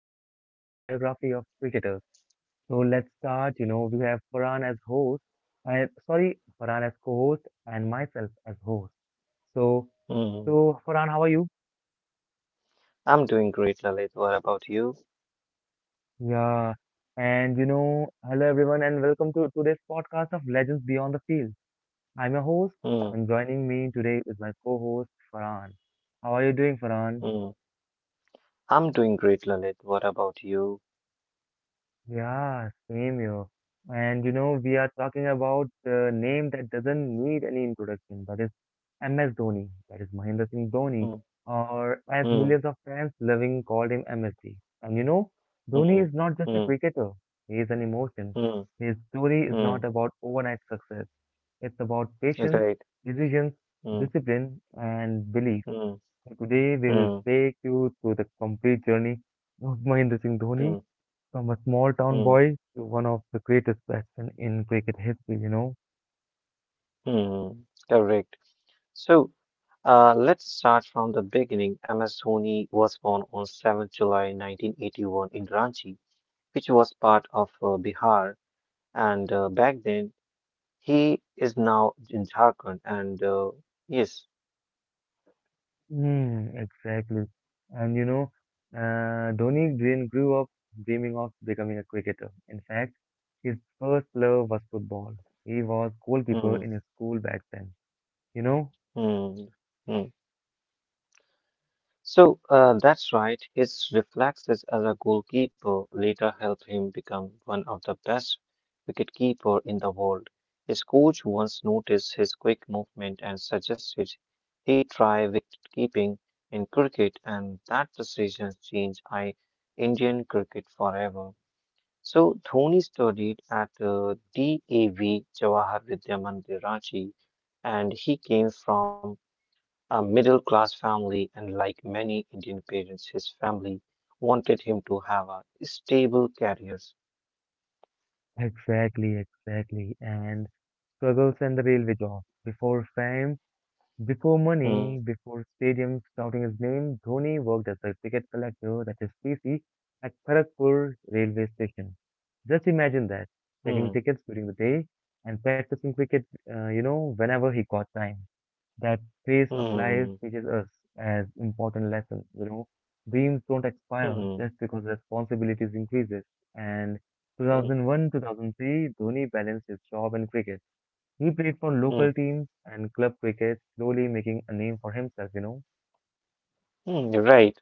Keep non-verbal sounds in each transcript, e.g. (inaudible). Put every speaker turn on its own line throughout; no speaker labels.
it is about the biography of cricketers. So let's start. We have Farhan as host, Farhan as co-host, and myself as host. So,
Mm.
so Farhan, how are you?
I'm doing great, Lalit. What about you?
Yeah, hello everyone, and welcome to today's podcast of Legends Beyond the Field. I'm your host,
Mm.
and joining me today is my co-host Farhan. How are you doing, Farhan?
Mm. I'm doing great, Lalit. What about you?
Yeah, same here. And we are talking about the name that doesn't need any introduction. That is MS Dhoni. That is Mahendra Singh Dhoni,
Mm.
or as
Mm.
millions of fans loving called him MSD. And you know, Dhoni
Mm.
is not just a
Mm.
cricketer. He is an emotion.
Mm.
His story is not
Mm.
about overnight success. It's about patience,
Great.
decisions,
Mm.
discipline, and belief.
Mm.
So today we will
Mm.
take you through the complete journey of Mahendra Singh
Mm.
Dhoni from a small town
Mm.
boy to one of the greatest batsmen in cricket history.
Mm. Correct. So, let's start from the beginning. MS Dhoni was born on 7th July 1981 in Ranchi, which was part of Bihar. And back then, he is now in Jharkhand. And yes.
Mm, exactly. And you know, Dhoni Green grew up dreaming of becoming a cricketer. In fact, his first love was football. He was goalkeeper in his school back then. You know?
Mm, mm. So that's right. His reflexes as a goalkeeper later helped him become one of the best wicketkeeper in the world. His coach once noticed his quick movement and suggested he try wicketkeeping in cricket, and that decision changed I Indian cricket forever. So Dhoni studied at DAV Jawahar Vidya Mandir, Ranchi, and he came from a middle class family, and like many Indian parents, his family wanted him to have a stable career.
Exactly, exactly. And struggles and the railway job. Before fame, before
Hmm,
money, before stadiums shouting his name, Dhoni worked as a ticket collector, that is TC, at Kharagpur railway station. Just imagine that,
hmm,
checking tickets during the day and practicing cricket, whenever he got time. That phase of life
hmm,
teaches us as important lessons. Dreams don't expire
hmm,
just because responsibilities increases. And
hmm,
2001-2003, Dhoni balanced his job and cricket. He played for
hmm,
local teams and club cricket, slowly making a name for himself.
hmm, you're right.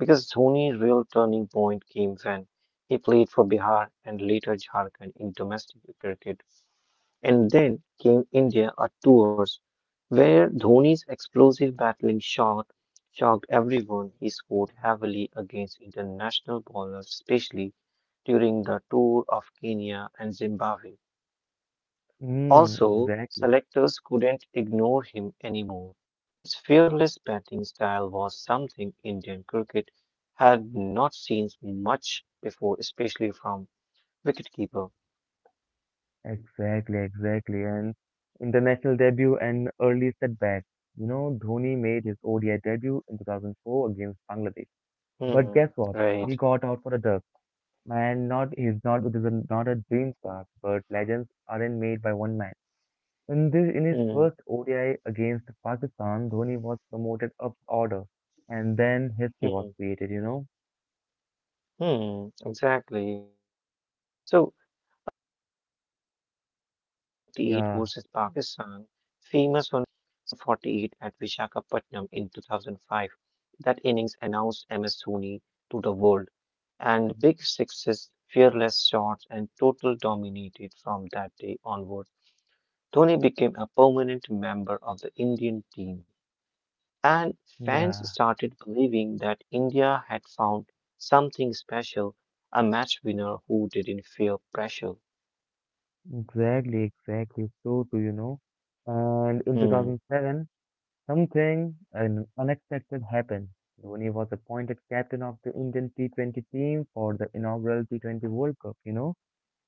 Because Dhoni's real turning point came when he played for Bihar and later Jharkhand in domestic cricket. And then came India at tours, where Dhoni's explosive battling shot shocked everyone. He scored heavily against international bowlers, especially during the tour of Kenya and Zimbabwe.
Mm,
Also,
exactly,
selectors couldn't ignore him anymore. His fearless batting style was something Indian cricket had not seen much before, especially from wicketkeeper.
exactly, exactly. And international debut and early setback. Dhoni made his ODI debut in 2004 against Bangladesh. But guess
Hmm,
what? He
right.
got out for a duck. And not he's not This is not a dream start, but legends aren't made by one man. In his
Hmm,
first ODI against Pakistan, Dhoni was promoted up order, and then history was
hmm.
created.
Hmm, exactly. So, the famous iconic 148
Yeah,
versus Pakistan, famous 148 at Vishakhapatnam in 2005, that innings announced MS Dhoni to the world, and big sixes, fearless shots, and total dominated from that day onward. Dhoni became a permanent member of the Indian team and fans
yeah,
started believing that India had found something special, a match winner who didn't feel pressure.
exactly, exactly. So too. And in
Hmm,
2007, something an unexpected happened. Dhoni was appointed captain of the Indian T20 team for the inaugural T20 World Cup,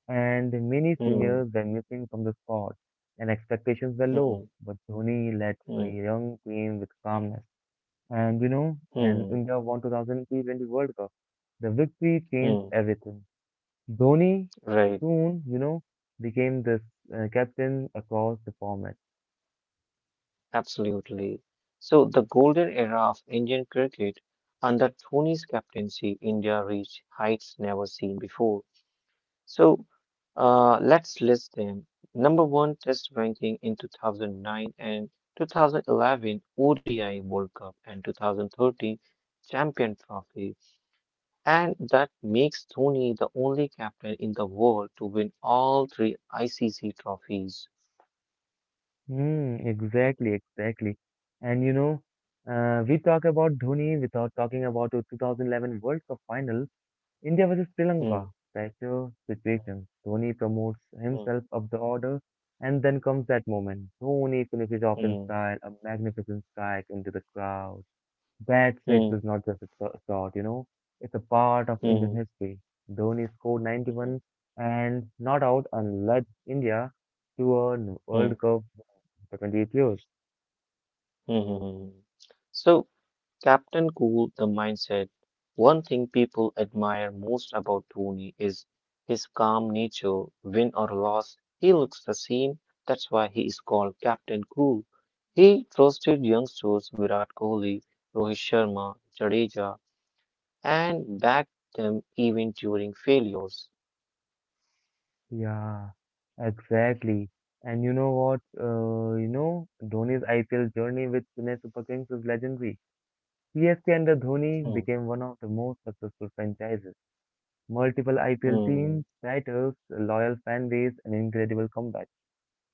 and many
hmm,
seniors were missing from the squad, and expectations were
hmm,
low. But Dhoni led a
hmm,
young team with calmness, and
hmm,
India won 2000 T20 World Cup. The victory
hmm.
changed everything. Dhoni
Right,
soon became this captain across the format.
absolutely. So, the golden era of Indian cricket under Dhoni's captaincy, India reached heights never seen before. So let's list them. Number one, Test ranking in 2009 and 2011 ODI World Cup and 2013 Champion Trophy. And that makes Dhoni the only captain in the world to win all three ICC trophies.
Mm, exactly, exactly. And we talk about Dhoni without talking about the 2011 World Cup final, India versus Sri Lanka.
Hmm,
Fracture situation. Dhoni promotes
hmm,
himself up the order, and then comes that moment. Dhoni finishes off in
hmm,
style, a magnificent strike into the crowd. Bad six
hmm,
is not just a thought, it's a part of Indian
hmm,
history. Dhoni scored
hmm,
91 and not out and led India to a
hmm,
World Cup for 28 years.
hmm, hmm, hmm. So, Captain Cool, the mindset. One thing people admire most about Tony is his calm nature. Win or loss, he looks the same. That's why he is called Captain Cool. He trusted youngsters Virat Kohli, Rohit Sharma, Jadeja, and backed them even during failures.
Yeah, exactly. And you know what? Dhoni's IPL journey with Chennai Super Kings is legendary. CSK under Dhoni
Hmm,
became one of the most successful franchises. Multiple IPL
hmm,
teams, titles, a loyal fan base, and incredible comeback.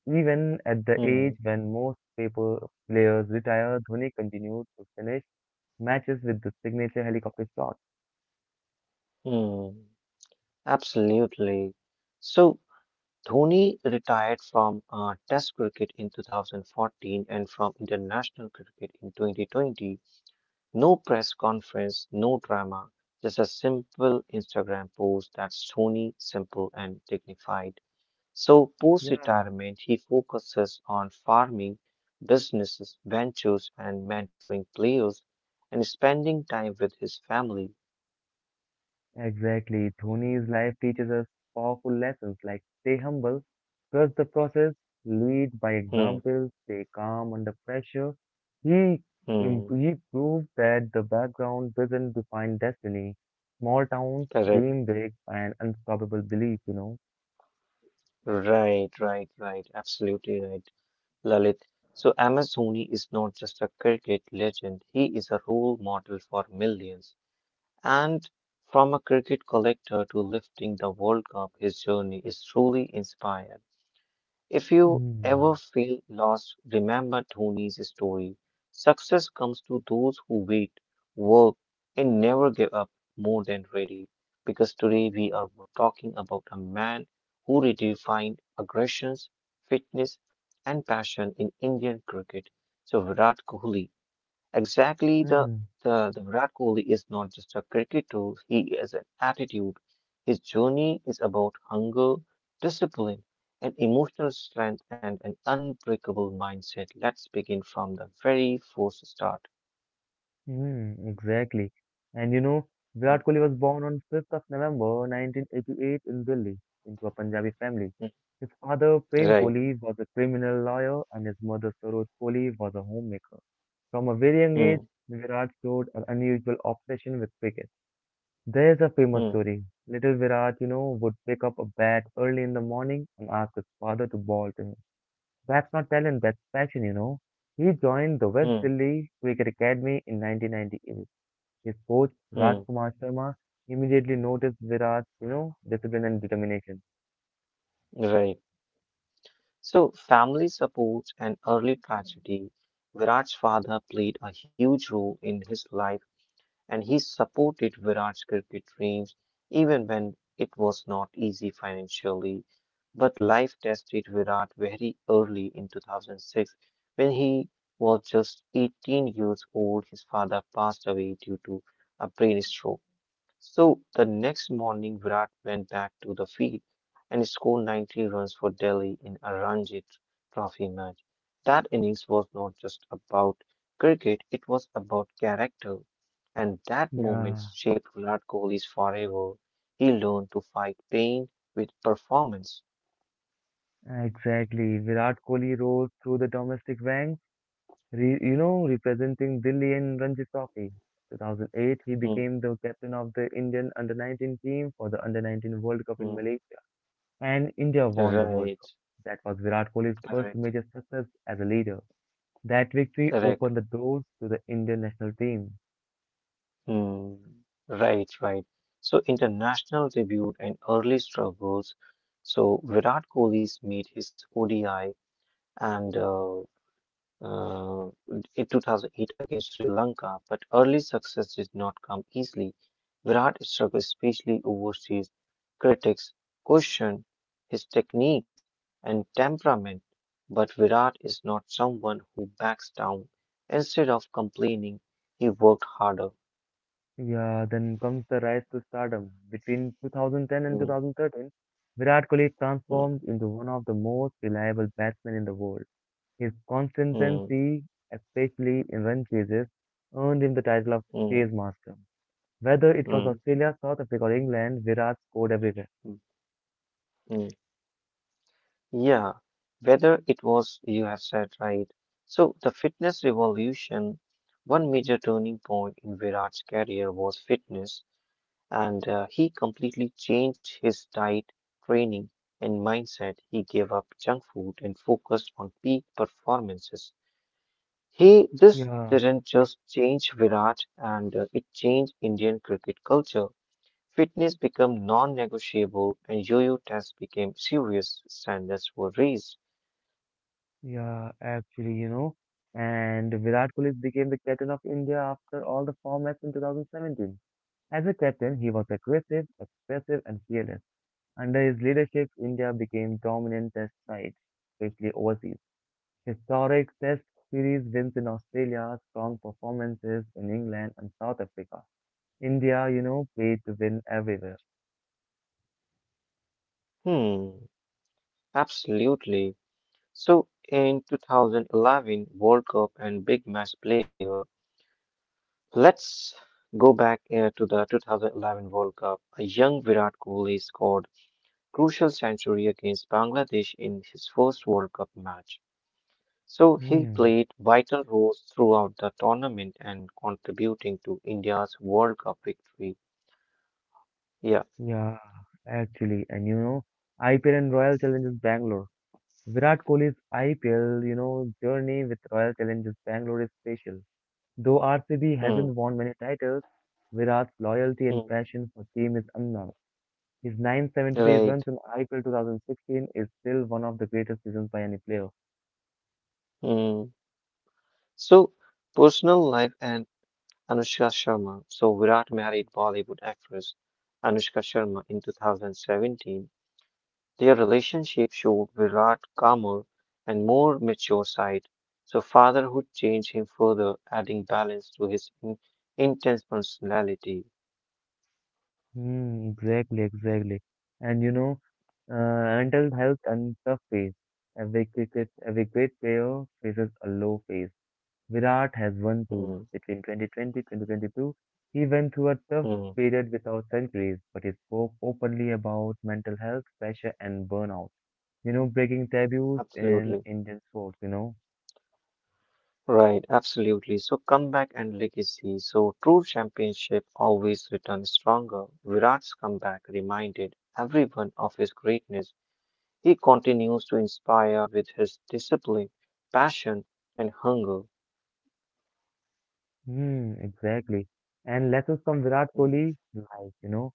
Even at the age
hmm,
when most people players retire, Dhoni continued to finish matches with the signature helicopter shot.
hmm. Absolutely. So Dhoni retired from Test cricket in 2014 and from international cricket in 2020. No press conference, no drama, just a simple Instagram post that's Dhoni, simple and dignified. So, post
Yeah,
retirement, he focuses on farming, businesses, ventures, and mentoring players and spending time with his family.
exactly. Dhoni's life teaches us powerful lessons like stay humble, trust the process, lead by
Hmm,
example, stay calm under pressure. He, im-
hmm,
he proved that the background doesn't define destiny. Small towns,
correct.
dream big, and unstoppable belief.
Right, right, right. Absolutely right. Lalit. So Amazoni is not just a cricket legend, he is a role model for millions. And from a cricket collector to lifting the World Cup, his journey is truly inspired. If you
Mm.
ever feel lost, remember Dhoni's story. Success comes to those who wait, work, and never give up more than ready. Because today we are talking about a man who redefined aggressions, fitness, and passion in Indian cricket. So, Virat Kohli. Exactly, the,
Hmm.
the, the Virat Kohli is not just a cricket tool, he is an attitude. His journey is about hunger, discipline, and emotional strength and an unbreakable mindset. Let's begin from the very first start.
Mm, exactly. And you know, Virat
Mm,
Kohli was born on 5th of November 1988 in Delhi into a Punjabi family.
mm,
His father, Prem
right.
Kohli, was a criminal lawyer and his mother, Saroj Kohli, was a homemaker. From a very young age,
Mm,
Virat showed an unusual obsession with cricket. There's a famous
mm,
story. Little Virat, would pick up a bat early in the morning and ask his father to bowl to him. That's not talent, that's passion. He joined the West
mm,
Delhi Cricket Academy in 1998. His coach,
mm,
Rajkumar Sharma, immediately noticed Virat's, discipline and determination.
right. So, family support and early tragedy. Virat's father played a huge role in his life and he supported Virat's cricket dreams even when it was not easy financially. But life tested Virat very early in 2006 when he was just 18 years old. His father passed away due to a brain stroke. So the next morning, Virat went back to the field and scored 90 runs for Delhi in a Ranji Trophy match. That innings was not just about cricket, it was about character. And that moment
Yeah,
shaped Virat Kohli's forever. He learned to fight pain with performance.
exactly. Virat Kohli rose through the domestic ranks, representing Delhi in Ranji Trophy. 2008, he
Mm,
became the captain of the Indian under-19 team for the under-19 World Cup in
mm,
Malaysia, and India won the World
right,
Cup. That was Virat Kohli's first
correct,
major success as a leader. That victory
correct.
opened the doors to the Indian national team.
Mm, right, right. So international debut and early struggles. So Virat Kohli's made his ODI and uh, in 2008 against Sri Lanka, but early success did not come easily. Virat struggled, especially overseas. Critics questioned his techniques and temperament, but Virat is not someone who backs down. Instead of complaining, he worked harder.
Yeah, then comes the rise to stardom. Between 2010 and
Mm,
2013, Virat Kohli
mm.
transformed into one of the most reliable batsmen in the world. His
Mm,
consistency, especially in run chases, earned him the title of
mm,
Chase Master. Whether it was
mm,
Australia, South Africa, or England, Virat scored everywhere.
mm, mm. Yeah, whether it was, you have said right. So, the fitness revolution, one major turning point in Virat's career was fitness, and he completely changed his diet, training, and mindset. He gave up junk food and focused on peak performances. This
Yeah,
didn't just change Virat, and it changed Indian cricket culture. Fitness became non-negotiable and yo-yo tests became serious. Standards were raised.
yeah, actually. And Virat Kohli became the captain of India after all the formats in 2017. As a captain, he was aggressive, expressive, and fearless. Under his leadership, India became dominant test sites, especially overseas. Historic test series wins in Australia, strong performances in England and South Africa. India, played to win everywhere.
Hmm, absolutely. So in 2011 World Cup and big match player, let's go back to the 2011 World Cup. A young Virat Kohli scored crucial century against Bangladesh in his first World Cup match. So he
Hmm.
played vital roles throughout the tournament and contributing to India's World Cup victory. Yeah.
Yeah, actually, IPL and Royal Challengers Bangalore. Virat Kohli's IPL, journey with Royal Challengers Bangalore is special. Though RCB
Hmm.
hasn't won many titles, Virat's loyalty and
Mm,
passion for team is unknown. His 973
right.
runs in IPL 2016 is still one of the greatest seasons by any player.
Mm. So, personal life and Anushka Sharma. So, Virat married Bollywood actress Anushka Sharma in 2017. Their relationship showed Virat calmer and more mature side. So, fatherhood changed him further, adding balance to his in intense personality.
Hmm, exactly, exactly. And you know, mental health and tough phase. Every great player faces a low phase. Virat has won too.
Mm,
Between 2020 2022, he went through a tough
mm,
period without centuries, but he spoke openly about mental health, pressure, and burnout. Breaking taboos in
absolutely.
Indian sports.
Right, absolutely. So comeback and legacy. So true championship always returns stronger. Virat's comeback reminded everyone of his greatness. He continues to inspire with his discipline, passion, and hunger.
Hmm, exactly. And lessons from Virat
Mm,
Kohli, life.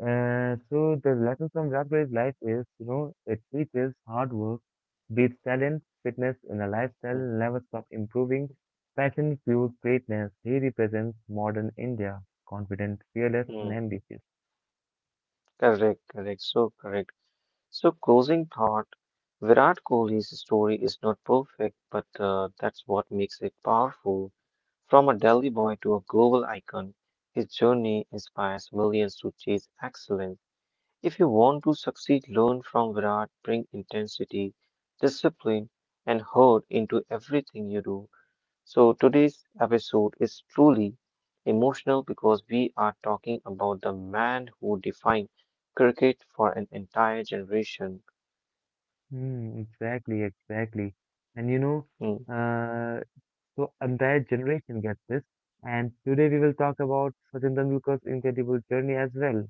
So the lessons from Virat Kohli's life is, it teaches hard work, beats talent, fitness in a lifestyle,
mm,
never stop improving, passion fuels greatness. He represents modern India, confident, fearless, and
mm.
ambitious.
Correct, correct. So, closing thought Virat Kohli's story is not perfect, but that's what makes it powerful. From a Delhi boy to a global icon, his journey inspires millions to chase excellence. If you want to succeed, learn from Virat, bring intensity, discipline, and heart into everything you do. So, today's episode is truly emotional because we are talking about the man who defined cricket for an entire generation.
Hmm, exactly, exactly. And you know,
Mm,
uh. So entire generation gets this. And today we will talk about Sachin Tendulkar's incredible journey as well.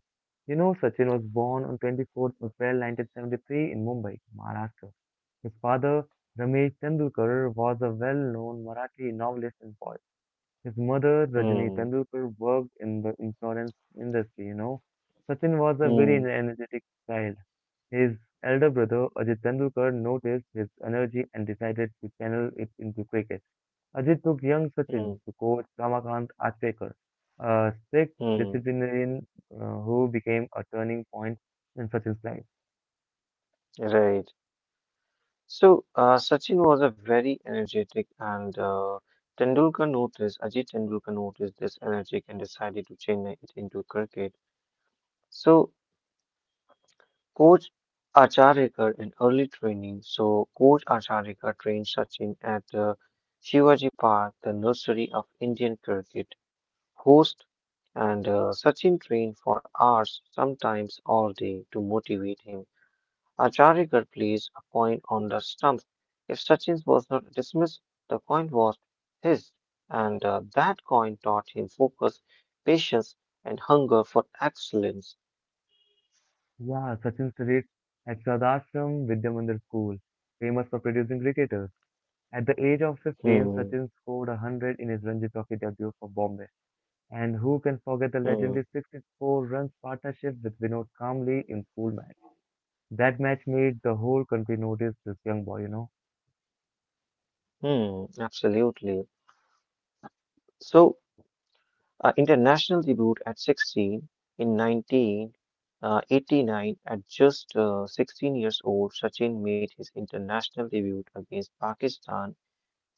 Sachin was born on 24th April 1973 in Mumbai, Maharashtra. His father, Ramesh Tendulkar, was a well-known Marathi novelist and poet. His mother, Rajni
mm,
Tendulkar, worked in the insurance industry. Sachin was a very
mm,
energetic child. His elder brother, Ajit Tendulkar, noticed his energy and decided to channel it into cricket. Ajit took young Sachin
mm,
to coach Ramakant Achekar, a strict
mm.
disciplinarian who became a turning point in Sachin's life.
Right. So, Sachin was a very energetic, and Ajit Tendulkar noticed this energy and decided to change it into cricket. So, Coach Acharikar in early training. So, Coach Acharikar trained Sachin at Shivaji Park, the nursery of Indian cricket. Host and Sachin trained for hours, sometimes all day, to motivate him. Acharya, Garg placed a coin on the stump. If Sachin was not dismissed, the coin was his, and that coin taught him focus, patience, and hunger for excellence.
Yeah, Sachin studied at Sadashram Vidyamandir School, famous for producing cricketers. At the age of 15,
Hmm,
Sachin scored 100 in his Ranji Trophy debut for Bombay. And who can forget the
hmm,
legendary 64 runs partnership with Vinod Kamli in school match? That match made the whole country notice this young boy.
hmm, absolutely. So, international debut at 16 in 1989. At just 16 years old, Sachin made his international debut against Pakistan.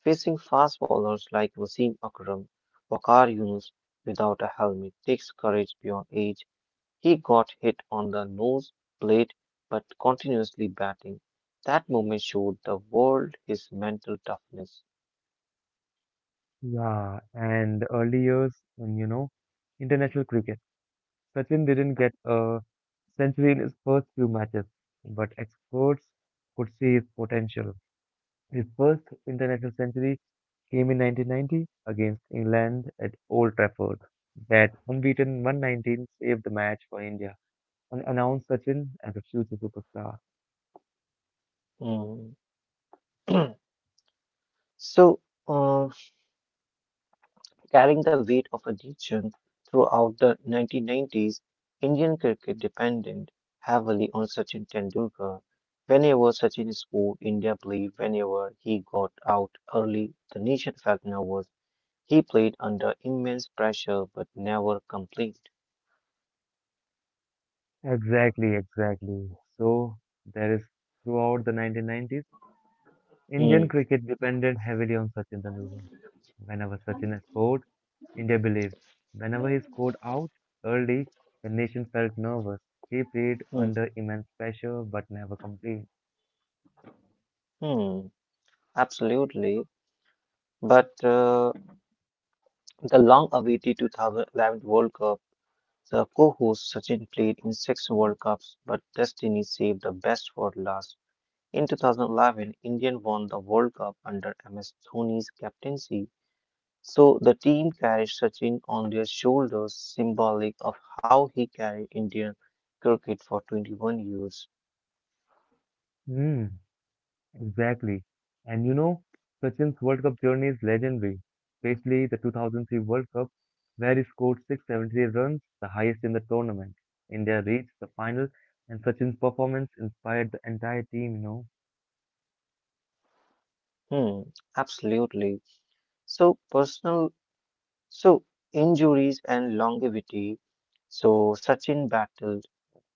Facing fast bowlers like Wasim Akram, Wakar Yunus without a helmet takes courage beyond age. He got hit on the nose plate but continuously batting. That moment showed the world his mental toughness.
Yeah, and early years, in international cricket. Sachin didn't get a century in his first few matches, but experts could see his potential. His first international century came in 1990 against England at Old Trafford. That unbeaten 119 saved the match for India and announced Sachin as a future superstar.
Mm. (clears throat) So, uh, carrying the weight of addiction throughout the 1990s, Indian cricket depended heavily on Sachin Tendulkar. Whenever Sachin scored, India played. Whenever he got out early, the nation felt nervous. He played under immense pressure but never complained.
Exactly, exactly. So there is Throughout the 1990s,
Hmm,
Indian cricket depended heavily on Sachin Tendulkar. Whenever Sachin scored, India believed. Whenever he scored out early, the nation felt nervous. He played
hmm,
under immense pressure but never complained.
hmm. Absolutely. But the long awaited 2011 World Cup, the co host Sachin played in six World Cups, but destiny saved the best for last. In 2011, India won the World Cup under MS Dhoni's captaincy, so the team carried Sachin on their shoulders, symbolic of how he carried Indian cricket for 21 years.
Mm, exactly. And you know, Sachin's World Cup journey is legendary, especially the 2003 World Cup, where he scored 673 runs, the highest in the tournament. India reached the final, and Sachin's performance inspired the entire team.
Hmm, absolutely. So personal, so injuries and longevity. So Sachin battled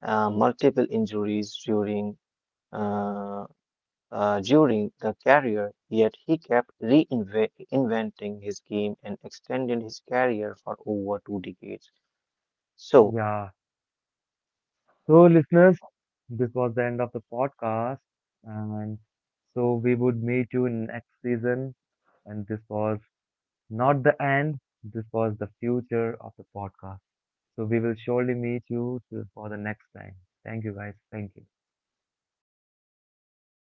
multiple injuries during uh, during the career, yet he kept reinventing his game and extended his career for over two decades. So,
Yeah, so, listeners, this was the end of the podcast. And so we would meet you in next season. And this was not the end, this was the future of the podcast. So we will surely meet you for the next time. Thank you, guys. Thank you.